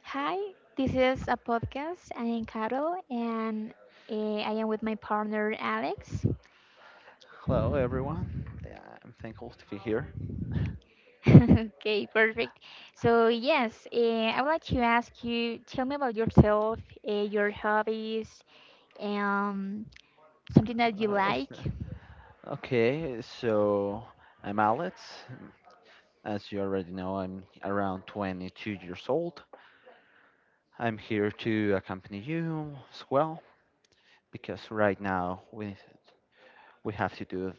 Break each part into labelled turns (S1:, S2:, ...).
S1: Hi, this is a podcast. I am Carol and I am with my partner Alex.
S2: Hello, everyone. Yeah, I'm thankful to be here.
S1: okay, perfect. So, yes, I would like to ask you tell me about yourself, your hobbies, um, something that you like.
S2: Uh, okay, so I'm Alex. As you already know, I'm around 22 years old. I'm here to accompany you as well because right now we have to do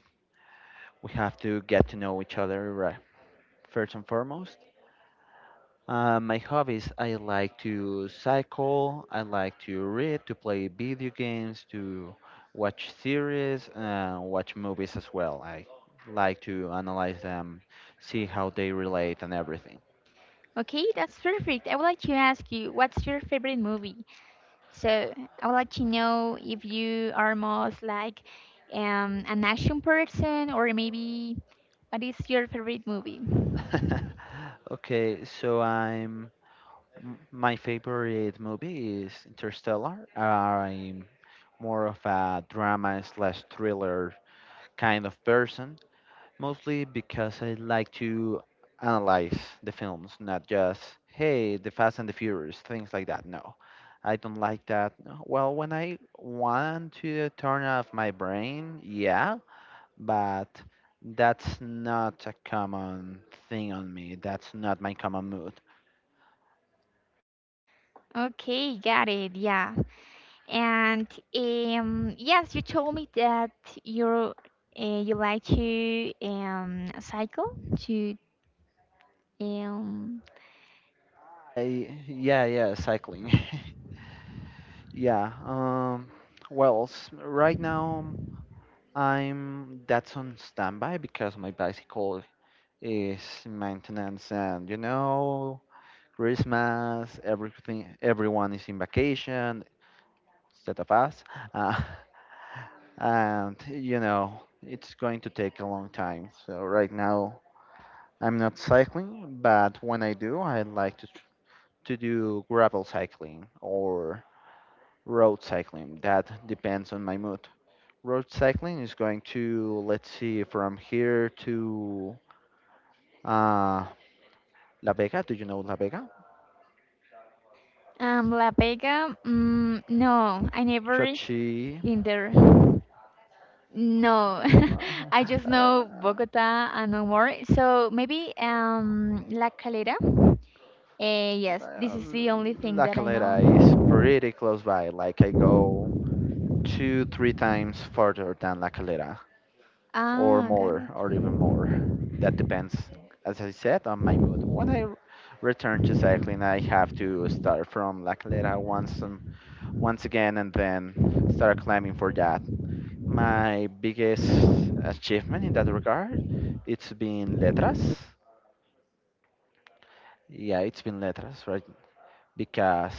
S2: we have to get to know each other right first and foremost. My hobbies, I like to cycle, I like to read, to play video games, to watch series, watch movies as well. I like to analyze them, see how they relate and everything.
S1: Okay, that's perfect. I would like to ask you what's your favorite movie? So I would like to know if you are most like an action person or maybe what is your favorite movie?
S2: Okay, so my favorite movie is Interstellar. I'm more of a drama slash thriller kind of person, mostly because I like to analyze the films, not just, hey, the Fast and the Furious, things like that. No, I don't like that. No. Well, when I want to turn off my brain, yeah, but that's not a common thing on me. That's not my common mood.
S1: Okay, got it. Yeah. And yes, you told me that you uh, you like to cycle to um,
S2: Yeah, yeah, cycling. yeah, well, right now I'm that's on standby because my bicycle is maintenance and you know Christmas, everything, everyone is in vacation instead of us, uh, and you know it's going to take a long time. So right now I'm not cycling, but when I do, I like to tr- to do gravel cycling or road cycling. That depends on my mood. Road cycling is going to let's see from here to uh, La Vega. Do you know La Vega?
S1: La Vega. Mm, no, I never
S2: Chochi.
S1: been there. No, I just know
S2: Uh,
S1: Bogota and no more. So maybe La Calera. Yes, this
S2: uh,
S1: is the only thing
S2: La
S1: that I know.
S2: Calera is pretty close by. Like I go two, three times further than La Calera, or
S1: Ah, got
S2: more,
S1: it.
S2: or even more. That depends, as I said, on my mood. Return to cycling, I have to start from La Calera once again, and then start climbing for that. My biggest achievement in that regard, it's been Letras. Yeah, it's been Letras, right? Because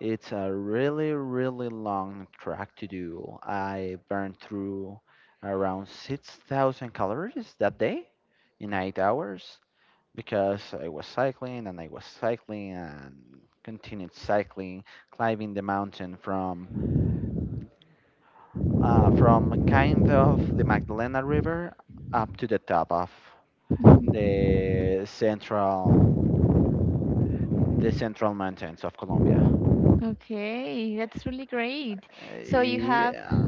S2: it's a really, really long track to do. I burned through around 6,000 calories that day in 8 hours because I was cycling and I was cycling and continued cycling, climbing the mountain from kind of the Magdalena River up to the top of the central the central mountains of Colombia.
S1: Mhm. Okay, that's really great.
S2: Uh,
S1: So you have
S2: yeah,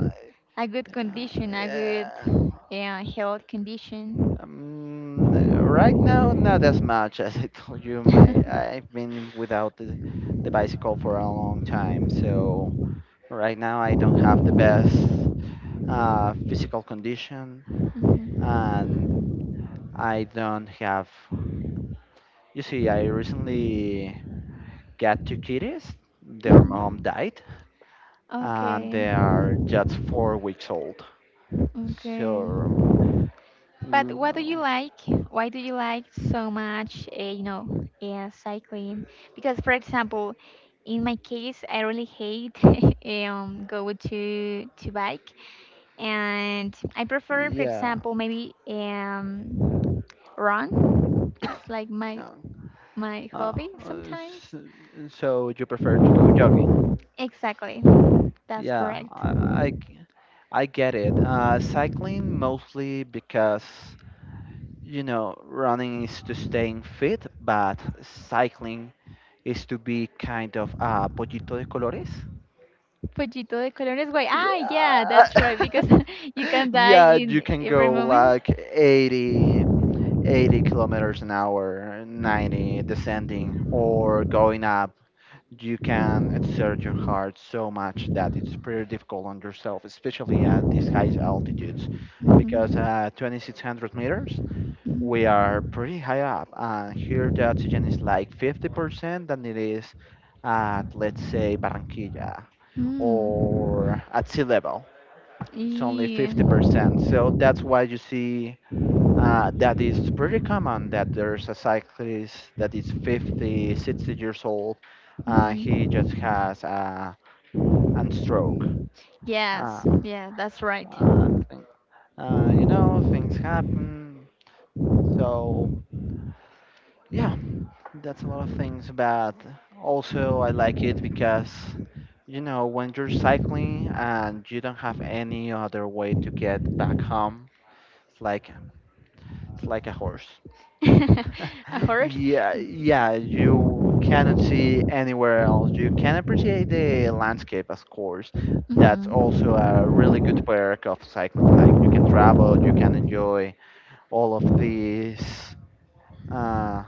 S1: a good
S2: Uh,
S1: condition, a good
S2: yeah.
S1: health condition.
S2: Um, right now, not as much as I told you. My I've been without the bicycle for a long time, so right now I don't have the best physical condition,
S1: Mhm.
S2: and I don't have. You see, I recently got two kitties. Their mom
S1: Mhm.
S2: died, and
S1: Okay,
S2: they are just 4 weeks old.
S1: okay.
S2: So,
S1: But what do
S2: mm,
S1: you like? Why do you like so much, yeah, cycling? Because, for example, in my case, I really hate go to bike, and I prefer, for
S2: yeah.
S1: example, maybe run. It's like my
S2: Yeah.
S1: my
S2: Uh,
S1: hobby
S2: uh, s-
S1: sometimes.
S2: so you prefer to go jogging?
S1: Exactly, that's
S2: Yeah,
S1: correct.
S2: I, I g- I get it. Cycling mostly because, you know, running is to staying fit, but cycling is to be kind of a pollito de colores.
S1: Pollito de colores, why? Ah, yeah,
S2: Yeah.
S1: that's right. Because you can die
S2: Yeah,
S1: in
S2: you can
S1: every
S2: go
S1: moment.
S2: like 80 kilometers an hour, 90 descending, or going up
S1: So
S2: you can exert your heart so much that it's pretty difficult on yourself, especially at these high altitudes. Because at 2600 meters, we are pretty high up, and here the oxygen is like 50% than it is at, let's say, Barranquilla or at sea level. It's only 50%. So that's why you see that is pretty common that there's a cyclist that is 50, 60 years old. He just has a, an stroke. Uh,
S1: yes, yeah, that's right.
S2: uh, thing, you know, things happen. So, yeah, that's a lot of things. But also, I like it because, you know, when you're cycling and you don't have any other way to get back home, it's like, it's like a horse.
S1: A horse?
S2: Yeah, yeah, you cannot see anywhere else. You can appreciate the landscape, of course. That's
S1: Hmm.
S2: also a really good perk of cycling. Like you can travel, you can enjoy all of these. Uh,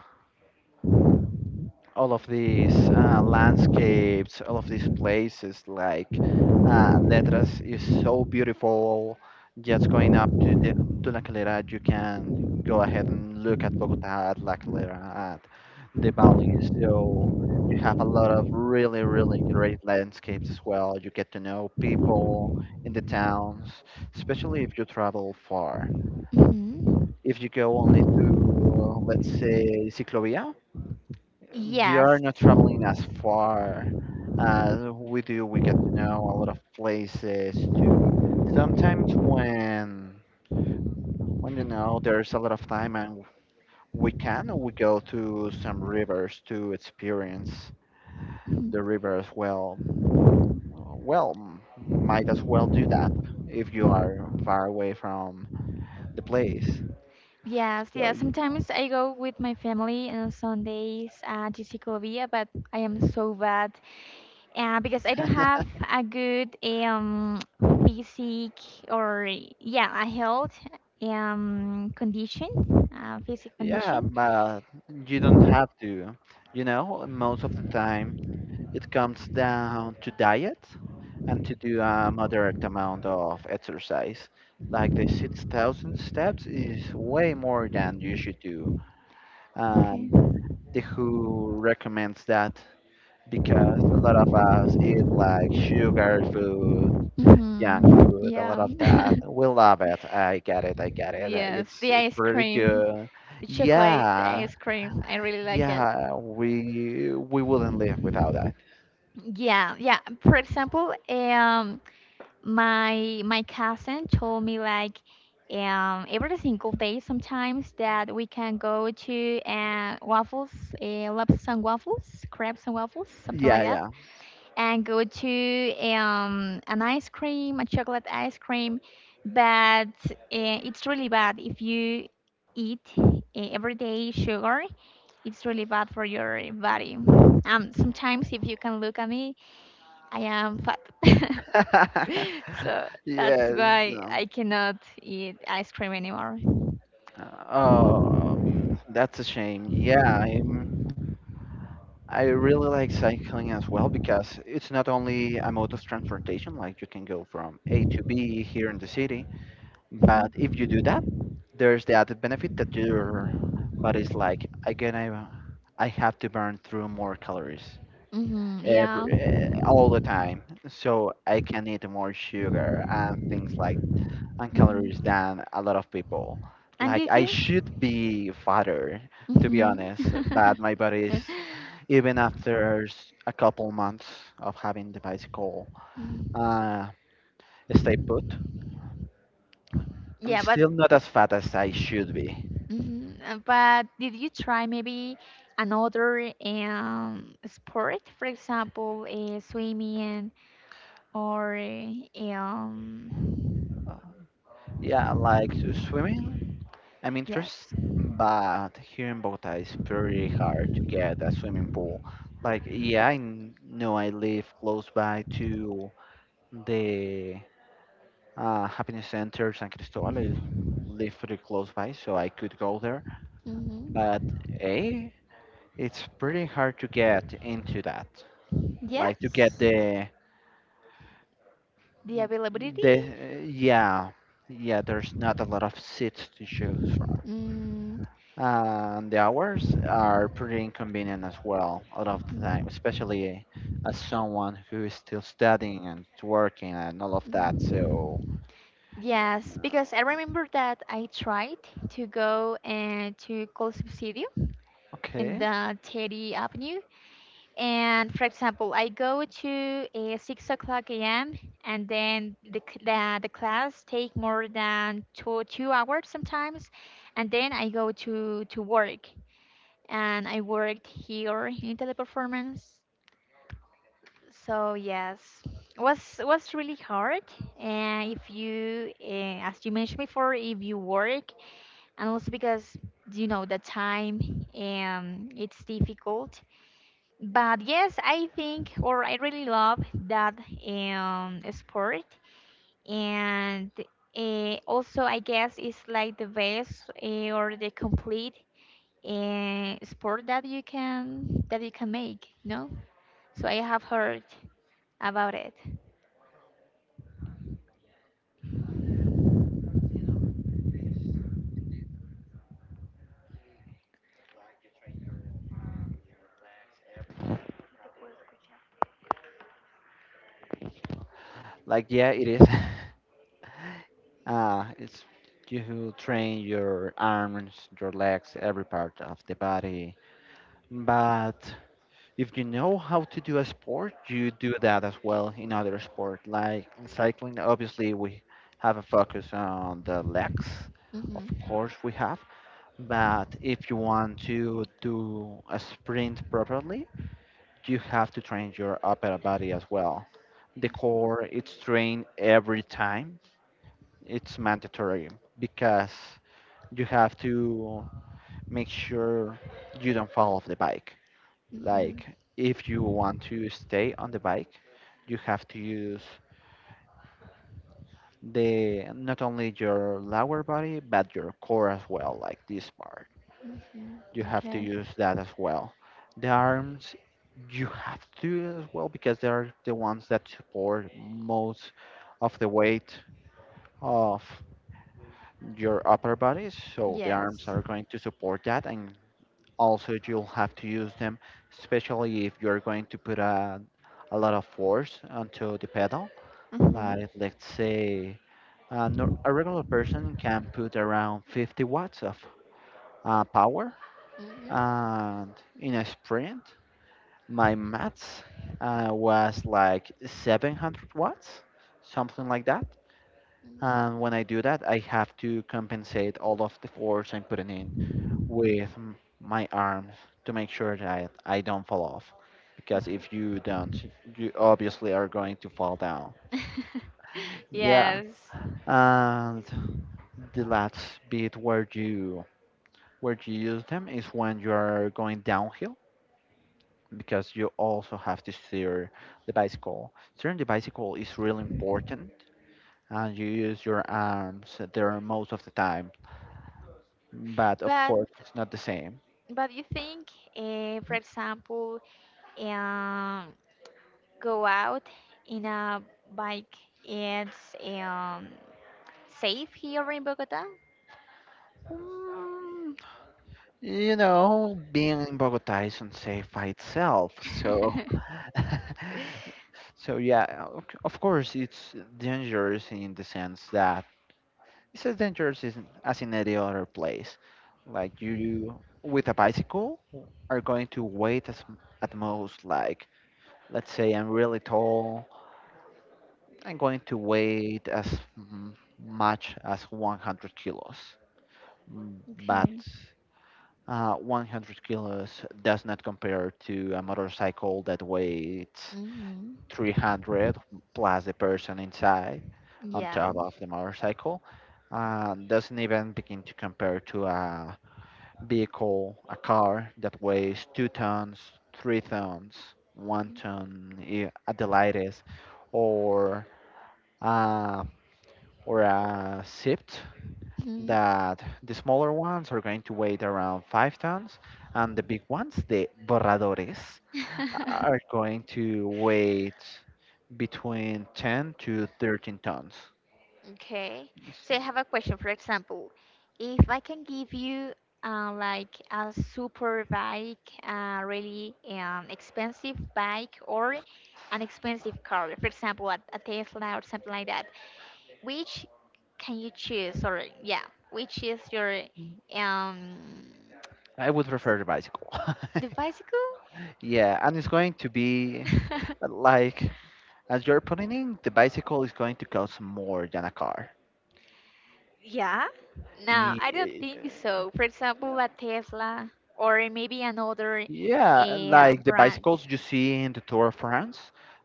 S2: all of these landscapes, all of these places. Like Letras is so beautiful. Just going up to to La Calera, you can go ahead and look at Bogota, at La Calera, at the valley. So you have a lot of really, really great landscapes as well. You get to know people in the towns, especially if you travel far.
S1: Hmm.
S2: If you go only to, let's say, Ciclovia,
S1: Yes.
S2: you're not traveling as far as we do. We get to know a lot of places too. Sometimes when you know there's a lot of time and
S1: Mhm.
S2: we go to some rivers to experience the river as well. Well, might as well do that if you are far away from the place.
S1: Yes,
S2: So
S1: yeah.
S2: yeah,
S1: Sometimes I go with my family on Sundays to Segovia, but I am so bad because I don't have a good physique or yeah a health condition, physique
S2: yeah,
S1: condition.
S2: but you don't have to. You know, most of the time it comes down to diet and to do a moderate amount of exercise. Like the 6,000 steps is way more than you should do.
S1: Okay.
S2: And the WHO recommends that because a lot of us eat like sugar food, junk
S1: Hmm.
S2: food, a lot
S1: Yeah.
S2: of that. We love it. I get it. I get it.
S1: Yes,
S2: It's
S1: the ice
S2: pretty
S1: cream,
S2: good.
S1: the chocolate
S2: Yeah.
S1: ice cream. I really like it.
S2: Yeah. We wouldn't live without that.
S1: Yeah, yeah. For example, my cousin told me like every single day sometimes that we can go to waffles, Lobster and waffles, crepes and waffles, something like that,
S2: Yeah.
S1: and go to an ice cream, a chocolate ice cream. But it's really bad if you eat every day sugar, it's really bad for your body. Sometimes if you can look at me, I am fat.
S2: Yeah.
S1: So that's
S2: Yes.
S1: why
S2: uh,
S1: I cannot eat ice cream anymore.
S2: That's a shame. I really like cycling as well because it's not only a mode of transportation, like you can go from A to B here in the city, but if you do that, there's the added benefit that your body's like, again, I have to burn through more calories
S1: Mm-hmm, yeah.
S2: every all the time, so I can eat more sugar and things like and calories
S1: Hmm.
S2: than a lot of people.
S1: And
S2: Like
S1: did
S2: I
S1: you?
S2: should be fatter, to be
S1: Mm-hmm.
S2: honest, but my body is even after a couple months of having the bicycle uh, stay put. I'm
S1: Yeah, but
S2: still not as fat as I should be.
S1: Mhm. But did you try maybe another sport, for example, swimming or
S2: Uh, Swimming, I'm interested,
S1: yes,
S2: but here in Bogota it's pretty hard to get a swimming pool. Like, know I live close by to the Happiness Center San Cristobal. I live pretty close by, so I could go there.
S1: hmm,
S2: But A, it's pretty hard to get into that. Like to get
S1: yes,
S2: the
S1: the availability.
S2: the yeah yeah. There's not a lot of seats to choose from.
S1: Mm.
S2: And the hours are pretty inconvenient as well, a lot of the time,
S1: Mm.
S2: especially as someone who is still studying and working and all of that. So,
S1: Yes, because I
S2: uh,
S1: remember that I tried to go to Col Subsidio in
S2: okay,
S1: the Teddy Avenue. And for example, I go to 6 o'clock a.m. and then the, c- the class take more than two two hours sometimes, and then I go to work and I worked here in Teleperformance. So yes, was really hard. And if you, as you mentioned before, if you work, and also because you know the time, it's difficult. But yes, I think, or I really love that sport, and also I guess it's like the best or the complete sport that you can make. No, so I have heard about it.
S2: like yeah, it is. It's you who train your arms, your legs, every part of the body. But if you know how to do a sport, you do that as well in other sport. Like in cycling, obviously we have a focus on the legs. Of
S1: Mhm.
S2: course we have. But if you want to do a sprint properly, you have to train your upper body as well. The core, it's trained every time. It's mandatory because you have to make sure you don't fall off the bike.
S1: Mhm.
S2: Like if you want to stay on the bike, you have to use the not only your lower body but your core as well, like this part.
S1: Mhm.
S2: You have to
S1: Okay.
S2: use that as well. The arms you have to as well because they're the ones that support most of the weight of your upper body. So the arms
S1: Yes.
S2: are going to support that and also, you'll have to use them, especially if you're going to put a lot of force onto the pedal.
S1: Mhm.
S2: Like, let's say, a, nor- a regular person can put around 50 watts of power.
S1: Mm-hmm.
S2: And in a sprint, my max was like 700 watts, something like that. And when I do that, I have to compensate all of the force I'm putting in with m- my arms to make sure that I don't fall off. Because if you don't, you obviously are going to fall down. Yeah,
S1: yes.
S2: and the last bit where you use them is when you are going downhill because you also have to steer the bicycle. Steering the bicycle is really important, and you use your arms there most of the time. But of
S1: But
S2: course, it's not the same.
S1: but you think, for example, and go out in a bike. It's safe here in Bogota.
S2: You know, being in Bogota isn't safe by itself, so so yeah, of course it's dangerous in the sense that it's as dangerous as in any other place. Like you with a bicycle are going to wait at most like let's say I'm really tall, I'm going to wait as much as 100 kilos. Mm, But
S1: Okay.
S2: 100 kilos does not compare to a motorcycle that weighs
S1: Hmm.
S2: 300 plus the person inside on
S1: Yeah.
S2: top of the motorcycle. Doesn't even begin to compare to a vehicle, a car that weighs 2 tons, 3 tons, at the lightest, or, uh, or a Sift
S1: Mhm.
S2: that the smaller ones are going to weigh around 5 tons, and the big ones, the borradores, are going to weigh between 10 to 13 tons.
S1: okay. So I have a question. For example, if I can give you like a super bike, a really expensive bike, or an expensive car, for example, a Tesla or something like that, which can you choose or yeah which is your um
S2: I would prefer the bicycle.
S1: the bicycle
S2: Yeah, and it's going to be uh, like, as you're putting in, the bicycle is going to cost more than a car.
S1: Yeah. No, I don't
S2: Ye-
S1: think so. For example, a Tesla or maybe another
S2: Yeah, like the
S1: brand.
S2: bicycles you see in the Tour of France,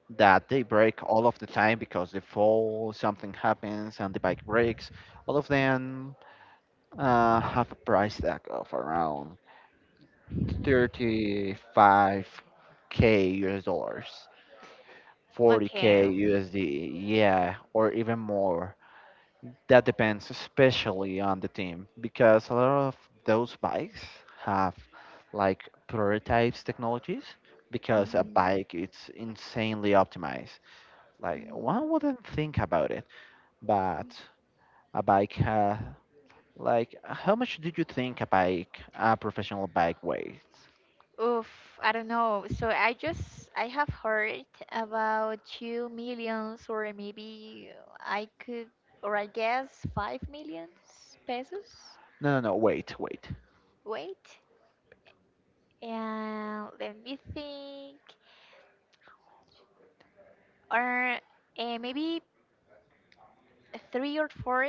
S2: that they break all of the time because they fall, something happens, and the bike breaks. All of them have a price tag of around 35k US dollars,
S1: Okay.
S2: 40k USD, yeah, or even more. That depends especially on the team because a lot of those bikes have like prototypes technologies because a
S1: Mhm.
S2: bike it's insanely optimized. Like
S1: Mm.
S2: one wouldn't think about it, but a bike ha like how much did you think a professional bike weighs?
S1: Oof, I don't know. So I have heard about two millions, or maybe I could, or I guess, five millions pesos.
S2: No, no, no, wait, wait.
S1: Wait. And let me think. Or maybe three or four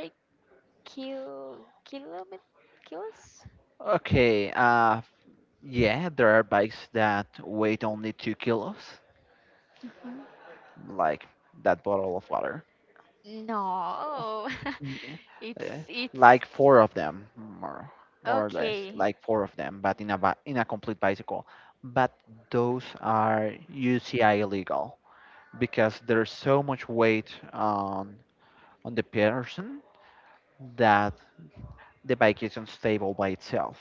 S1: kil kilomet kilos?
S2: Okay, yeah, there are bikes that weigh only 2 kilos,
S1: Mhm.
S2: like that bottle of water.
S1: No,
S2: Yeah,
S1: it's
S2: uh,
S1: it's
S2: like 4 of them, more or less,
S1: okay.
S2: like 4 of them, but in a complete bicycle. But those are UCI illegal because there's so much weight on the person that the bike is unstable by itself.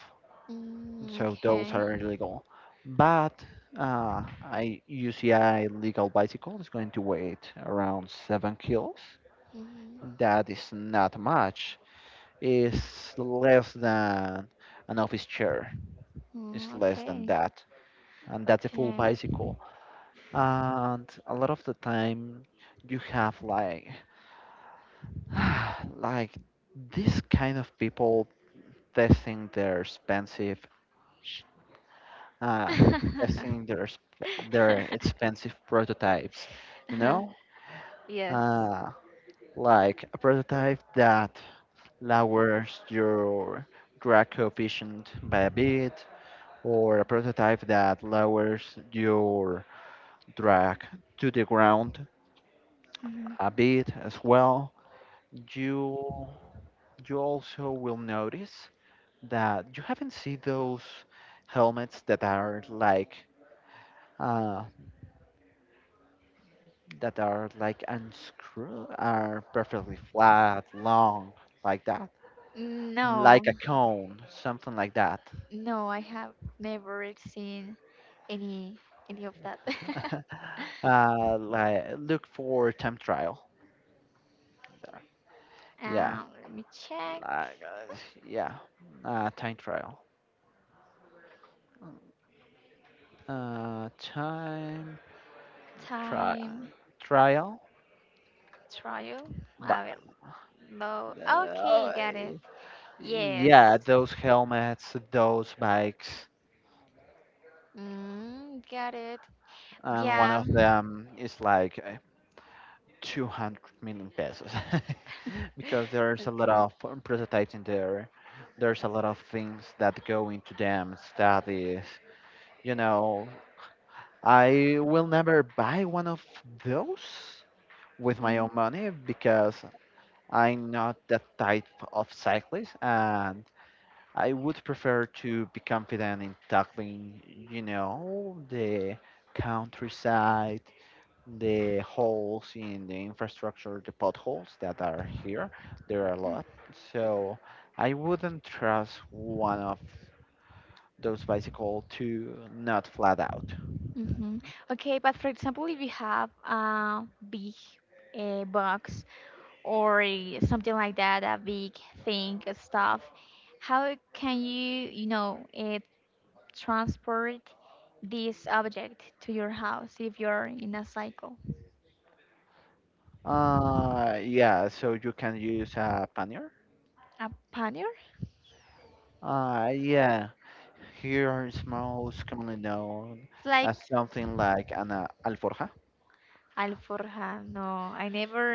S1: Mm,
S2: So those
S1: okay.
S2: are illegal. But uh, a UCI legal bicycle is going to weight around 7 kilos.
S1: Mhm.
S2: That is not much, is less than an office chair. It's
S1: Mm,
S2: less than
S1: okay.
S2: that, and that's a full
S1: Okay.
S2: bicycle. And a lot of the time, you have like like this kind of people testing their expensive sh- uh, testing their their expensive prototypes. You
S1: Uh-huh.
S2: know,
S1: Yes.
S2: uh, like a prototype that lowers your drag coefficient by a bit, or a prototype that lowers your drag to the ground
S1: Mhm.
S2: a bit as well. You you also will notice that you haven't seen those helmets uh, that are like unscrew, are perfectly flat, long like that, like
S1: No,
S2: a cone, something like that.
S1: no, I have never seen any any of that.
S2: Like look for time trial. Yeah,
S1: Let me check.
S2: like uh, yeah, time trial. Time tri
S1: Time
S2: Trial,
S1: trial.
S2: but
S1: I will mo- Okay,
S2: uh,
S1: got it. Yes.
S2: yeah, those helmets, those bikes,
S1: Mm, got it.
S2: and one
S1: Yeah.
S2: of them is like 200 million pesos because there's a lot
S1: Okay.
S2: of prototypes in there. There's a lot of things that go into them, studies. You know, I will never buy one of those with my own
S1: Mm-hmm.
S2: money because I'm not that type of cyclist, and I would prefer to be confident in tackling, you know, the countryside, the holes in the infrastructure, the potholes that are here. There are a lot. So I wouldn't trust one of those bicycle to not flat out.
S1: Mm-hmm. Okay, but for example, if you have a big box or something like that, a big thing, stuff, how can you, transport this object to your house if you're in a cycle.
S2: Yeah, so you can use a pannier.
S1: A pannier?
S2: Yeah. Here are most commonly known
S1: It's like
S2: as something like an alforja.
S1: alforja. No, I never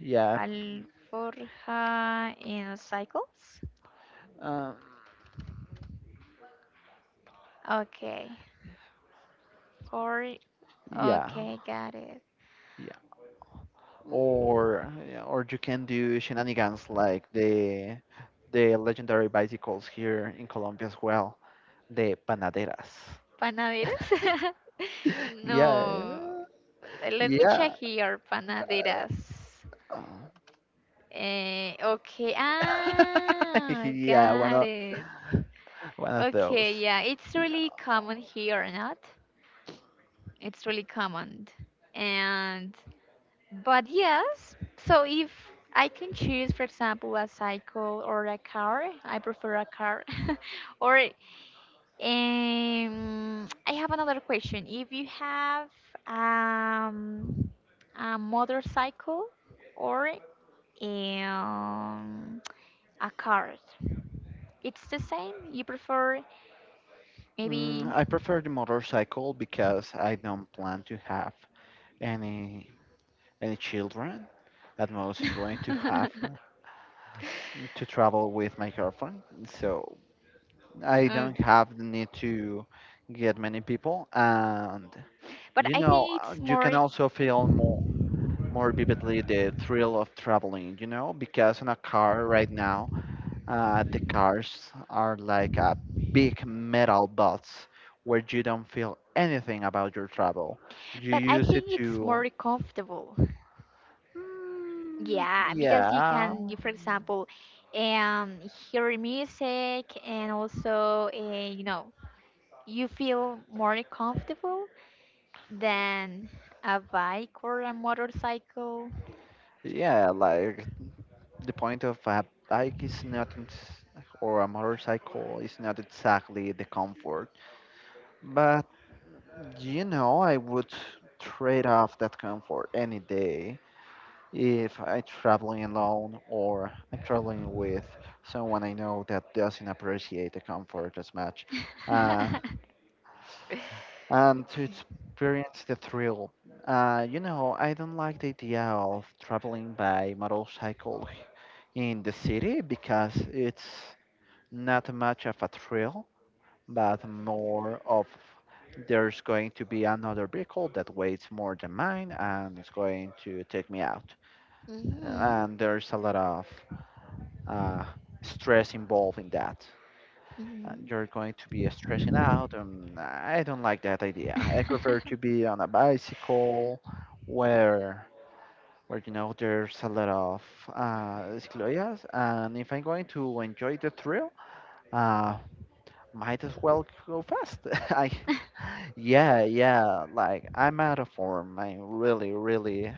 S2: Yeah,
S1: alforja in cycles.
S2: um,
S1: Okay. Or
S2: yeah,
S1: okay, got it.
S2: yeah.
S1: Mm,
S2: Or yeah, or you can do shenanigans like the legendary bicycles here in Colombia as well, the panaderas.
S1: panaderas?
S2: Yeah,
S1: No, let me
S2: yeah,
S1: check here. Panaderas. Eh, okay, ah,
S2: yeah. One
S1: got
S2: of
S1: it. Okay,
S2: those.
S1: yeah, it's really common here or not. It's really common. And but yes, so if I can choose, for example, a cycle or a car, I prefer a car. Or I have another question. If you have um, a motorcycle or um, a car, it's the same. You prefer
S2: Mm,
S1: maybe.
S2: I prefer the motorcycle because I don't plan to have any any children. At most I'm going to have to travel with my girlfriend, so I
S1: Um,
S2: don't have the need to get many people. And
S1: but
S2: you
S1: I
S2: know,
S1: think it's
S2: you can
S1: more.
S2: also feel more vividly the thrill of traveling, you know, because in a car right now the cars are like a big metal box where you don't feel anything about your travel. You
S1: But I
S2: use it
S1: think it's
S2: to...
S1: more comfortable.
S2: Mm,
S1: Yeah, because you
S2: yeah.
S1: can, for example, um, hear music and also, you feel more comfortable than a bike or a motorcycle.
S2: Yeah, like the point of bike is not, ex- a motorcycle is not exactly the comfort. But you know, I would trade off that comfort any day if I'm traveling alone or I'm traveling with someone I know that doesn't appreciate the comfort as much. Uh, and to
S1: Okay.
S2: experience the thrill. You know, I don't like the idea of traveling by motorcycle in the city because it's not much of a thrill, but more of there's going to be another vehicle that weighs more than mine and it's going to take me out.
S1: Mhm.
S2: And there's a lot of uh, stress involved in that.
S1: Mhm.
S2: You're going to be stressing out, and I don't like that idea. I prefer to be on a bicycle where you know there's a lot of cicloias, and if I'm going to enjoy the thrill, uh might as well go fast. I Yeah, yeah, like I'm out of form, I'm really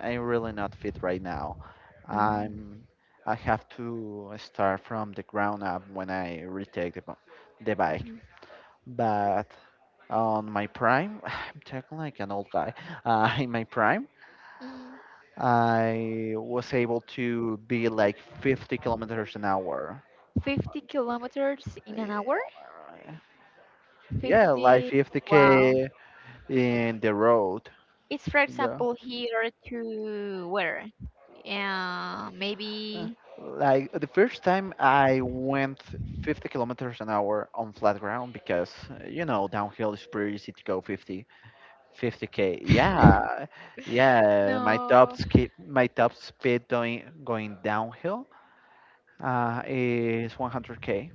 S2: I'm really not fit right now.
S1: Mhm.
S2: i'm I have to start from the ground up when I retake the bike.
S1: Mhm.
S2: But on my prime, I'm talking like an old guy, in my prime
S1: Mm.
S2: I was able to be like 50 kilometers an hour.
S1: 50 kilometers in an hour?
S2: Yeah, like
S1: 50. Wow.
S2: 50k in the road.
S1: It's, for
S2: Yeah.
S1: example, here to where?
S2: Uh,
S1: Maybe.
S2: Like the first time I went 50 kilometers an hour on flat ground, because you know downhill is pretty easy to go 50, 50k. Yeah. Yeah,
S1: No.
S2: my top speed going downhill is 100k.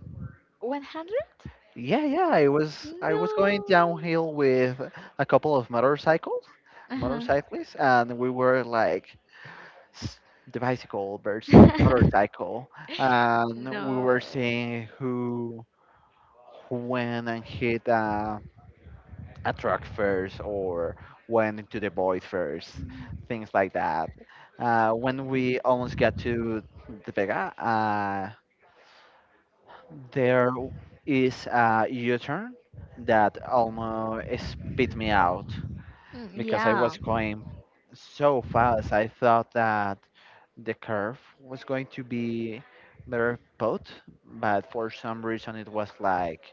S1: 100?
S2: Yeah, yeah, I
S1: No.
S2: was going downhill with a couple of motorcycles,
S1: Uh-huh.
S2: motorcyclists, and we were like s- the bicycle versus the motorcycle, and we
S1: No.
S2: were seeing who went and hit a truck first, or went into the void first, things like that. When we almost got to the Vega, there is a U-turn that almost spit me out,
S1: Mm,
S2: because I
S1: yeah.
S2: was going so fast. I thought that the curve was going to be better put, but for some reason it was like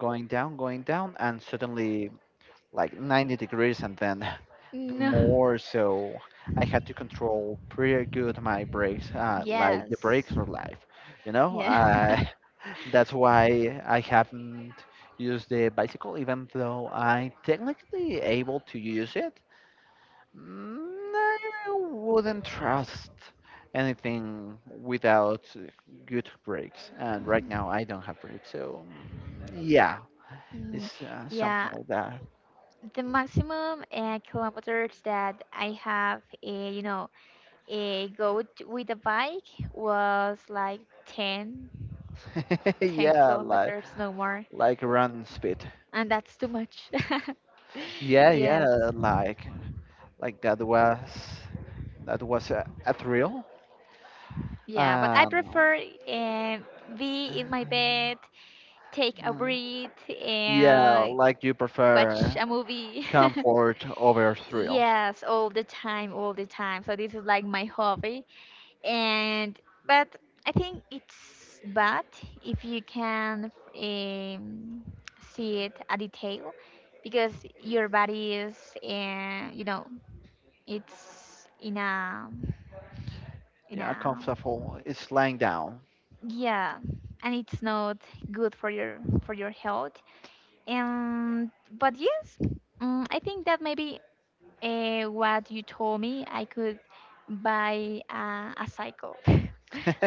S2: going down, and suddenly like 90 degrees, and then the
S1: No.
S2: more so I had to control pretty good my brakes. Like
S1: Yes.
S2: the brakes are life, you know.
S1: Yeah.
S2: That's why I haven't used the bicycle. Even though I'm technically able to use it, mm, I wouldn't trust anything without good brakes, and right now I don't have brakes. So mm, yeah,
S1: Mm.
S2: it's something
S1: Yeah,
S2: like
S1: the maximum kilometers that I have, with a bike was like 10,
S2: that.
S1: 10
S2: Yeah, like
S1: kilometers, no more.
S2: run speed.
S1: And that's too much.
S2: Yeah, yeah,
S1: Yes.
S2: like that was a thrill.
S1: Yeah, but I
S2: Um,
S1: prefer uh, be in my bed, take a
S2: uh,
S1: breath,
S2: yeah, like you
S1: watch
S2: prefer
S1: a movie.
S2: comfort over thrill.
S1: Yes, all the time, all the time. So this is like my hobby. And but I think it's bad if you can um, see it a detail because your body is it's in a in
S2: Yeah,
S1: a
S2: comfortable is lying down.
S1: yeah, and it's not good for your health. And but yes, I think that maybe what you told me, I could buy a cycle,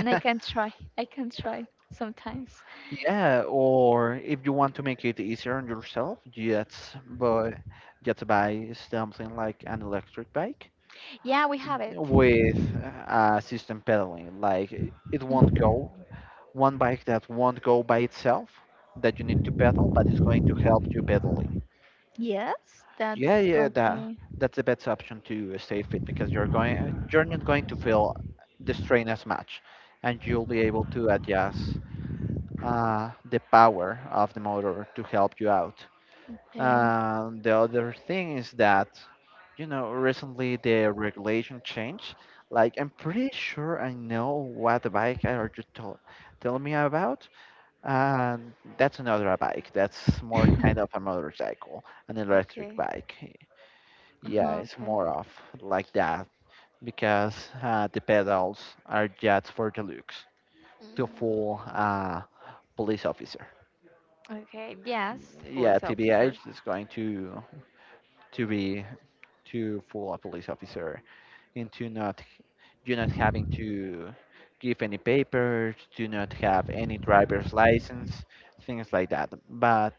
S1: and I can try. I can try sometimes.
S2: Yeah, or if you want to make it easier on yourself, just buy something like an electric bike
S1: Yeah, we have it.
S2: with system pedaling. Like it won't
S1: Mhm.
S2: go, one bike that won't go by itself, that you need to pedal, but it's going to help you pedaling.
S1: Yes,
S2: Yeah,
S1: that's
S2: yeah,
S1: okay.
S2: that's the best option to stay fit because you're not going to feel the strain as much, and you'll be able to adjust the power of the motor to help you out.
S1: Okay.
S2: The other thing is that, you know, recently the regulation changed. Like, I'm pretty sure I know what bike are you tell me about. And that's another bike. That's more kind of a motorcycle, an electric
S1: Okay.
S2: bike. Yeah,
S1: Uh-huh,
S2: it's
S1: okay.
S2: more of like that, because the pedals are just for the looks, to
S1: Mm,
S2: fool a police officer.
S1: okay. Yes,
S2: Yeah,
S1: police
S2: TBH
S1: officer.
S2: is going to be to fool a police officer into not you not having to give any papers, do not have any driver's license, things like that. But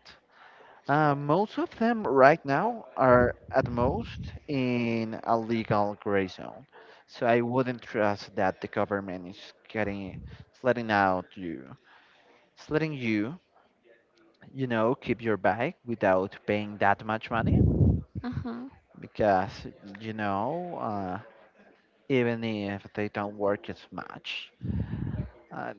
S2: most of them right now are at most in a legal gray zone. So I wouldn't trust that the government is letting out you, it's letting you, you know, keep your bike without paying that much money,
S1: Uh-huh.
S2: because you know, even if they don't work as much, uh,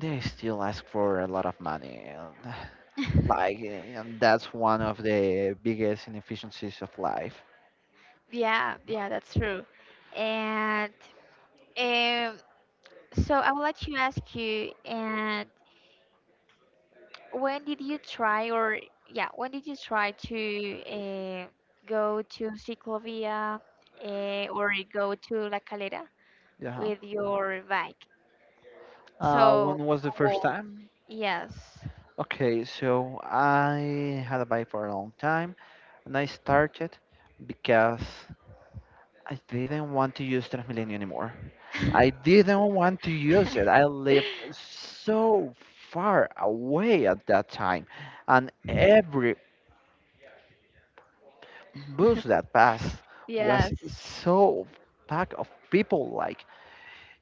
S2: they still ask for a lot of money. And like, and that's one of the biggest inefficiencies of life.
S1: Yeah. Yeah, that's true. And um, so I would like to ask you, and when did you try, or yeah, when did you try to go to Ciclovia, or go to La Calera
S2: Yeah.
S1: with your bike?
S2: When
S1: So
S2: was the
S1: how
S2: first
S1: old?
S2: time?
S1: Yes.
S2: Okay, so I had a bike for a long time, and I started because I didn't want to use Transmilenio anymore. I didn't want to use it. I lived so far away at that time, and every bus that passed was
S1: Yes.
S2: so packed of people. Like,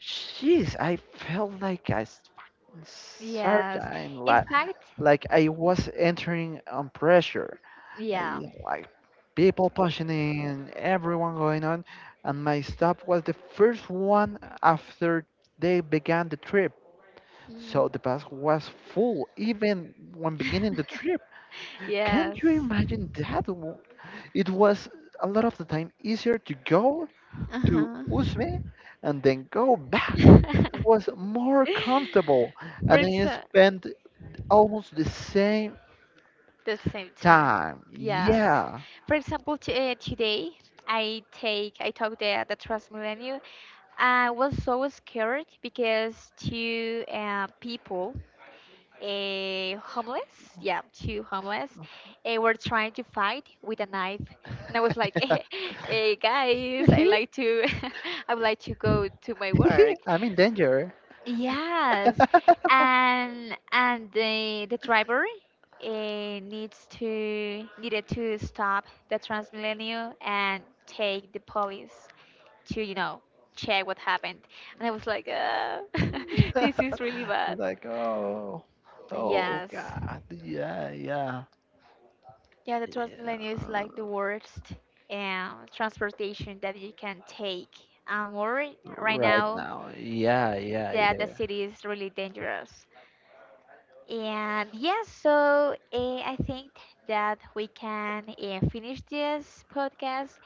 S2: jeez, I felt like a
S1: Yes.
S2: sardine,
S1: In fact,
S2: like I was entering on pressure. I,
S1: yeah.
S2: like, people pushing in, everyone going on, and my stop was the first one after they began the trip. So
S1: Mm.
S2: the bus was full even when beginning the trip. Can't
S1: Yes.
S2: you imagine that? It was a lot of the time easier to go to
S1: Uh-huh.
S2: Usme and then go back. It was more comfortable,
S1: For
S2: and then you
S1: exa
S2: spent almost the same
S1: The same time.
S2: time.
S1: Yes.
S2: Yeah.
S1: For example, today I took the Transmilenio. I was so scared because two people, homeless, yeah, two homeless, were trying to fight with a knife, and I was like, "Hey guys, I like to, I would like to go to my work,
S2: I'm in danger.
S1: Yes, and the driver needs to needed to stop the Transmilenio and take the police to check what happened. And I was like, this is really bad.
S2: Like, oh, oh
S1: Yes,
S2: God. Yeah, yeah.
S1: yeah, the Transmilenio is like
S2: Yeah.
S1: the worst transportation that you can take. Or right
S2: Right
S1: now
S2: now. Yeah, yeah, it
S1: that the city is really dangerous. And yes, so I think that we can finish this podcast.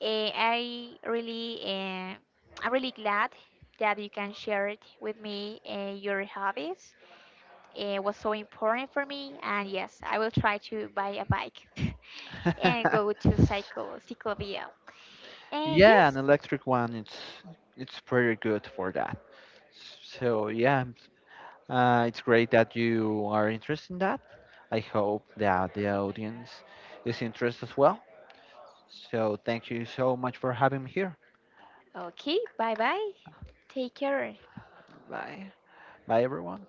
S1: I really, I'm really glad that you can share it with me. Your hobbies. It was so important for me, and yes, I will try to buy a bike and
S2: is.
S1: go to cycle Ciclovia. And
S2: Yeah, an
S1: yes,
S2: electric one. It's pretty good for that. So yeah, it's great that you are interested in that. I hope that the audience is interested as well. So thank you so much for having me here.
S1: okay, bye bye. Take care.
S2: Bye, bye everyone.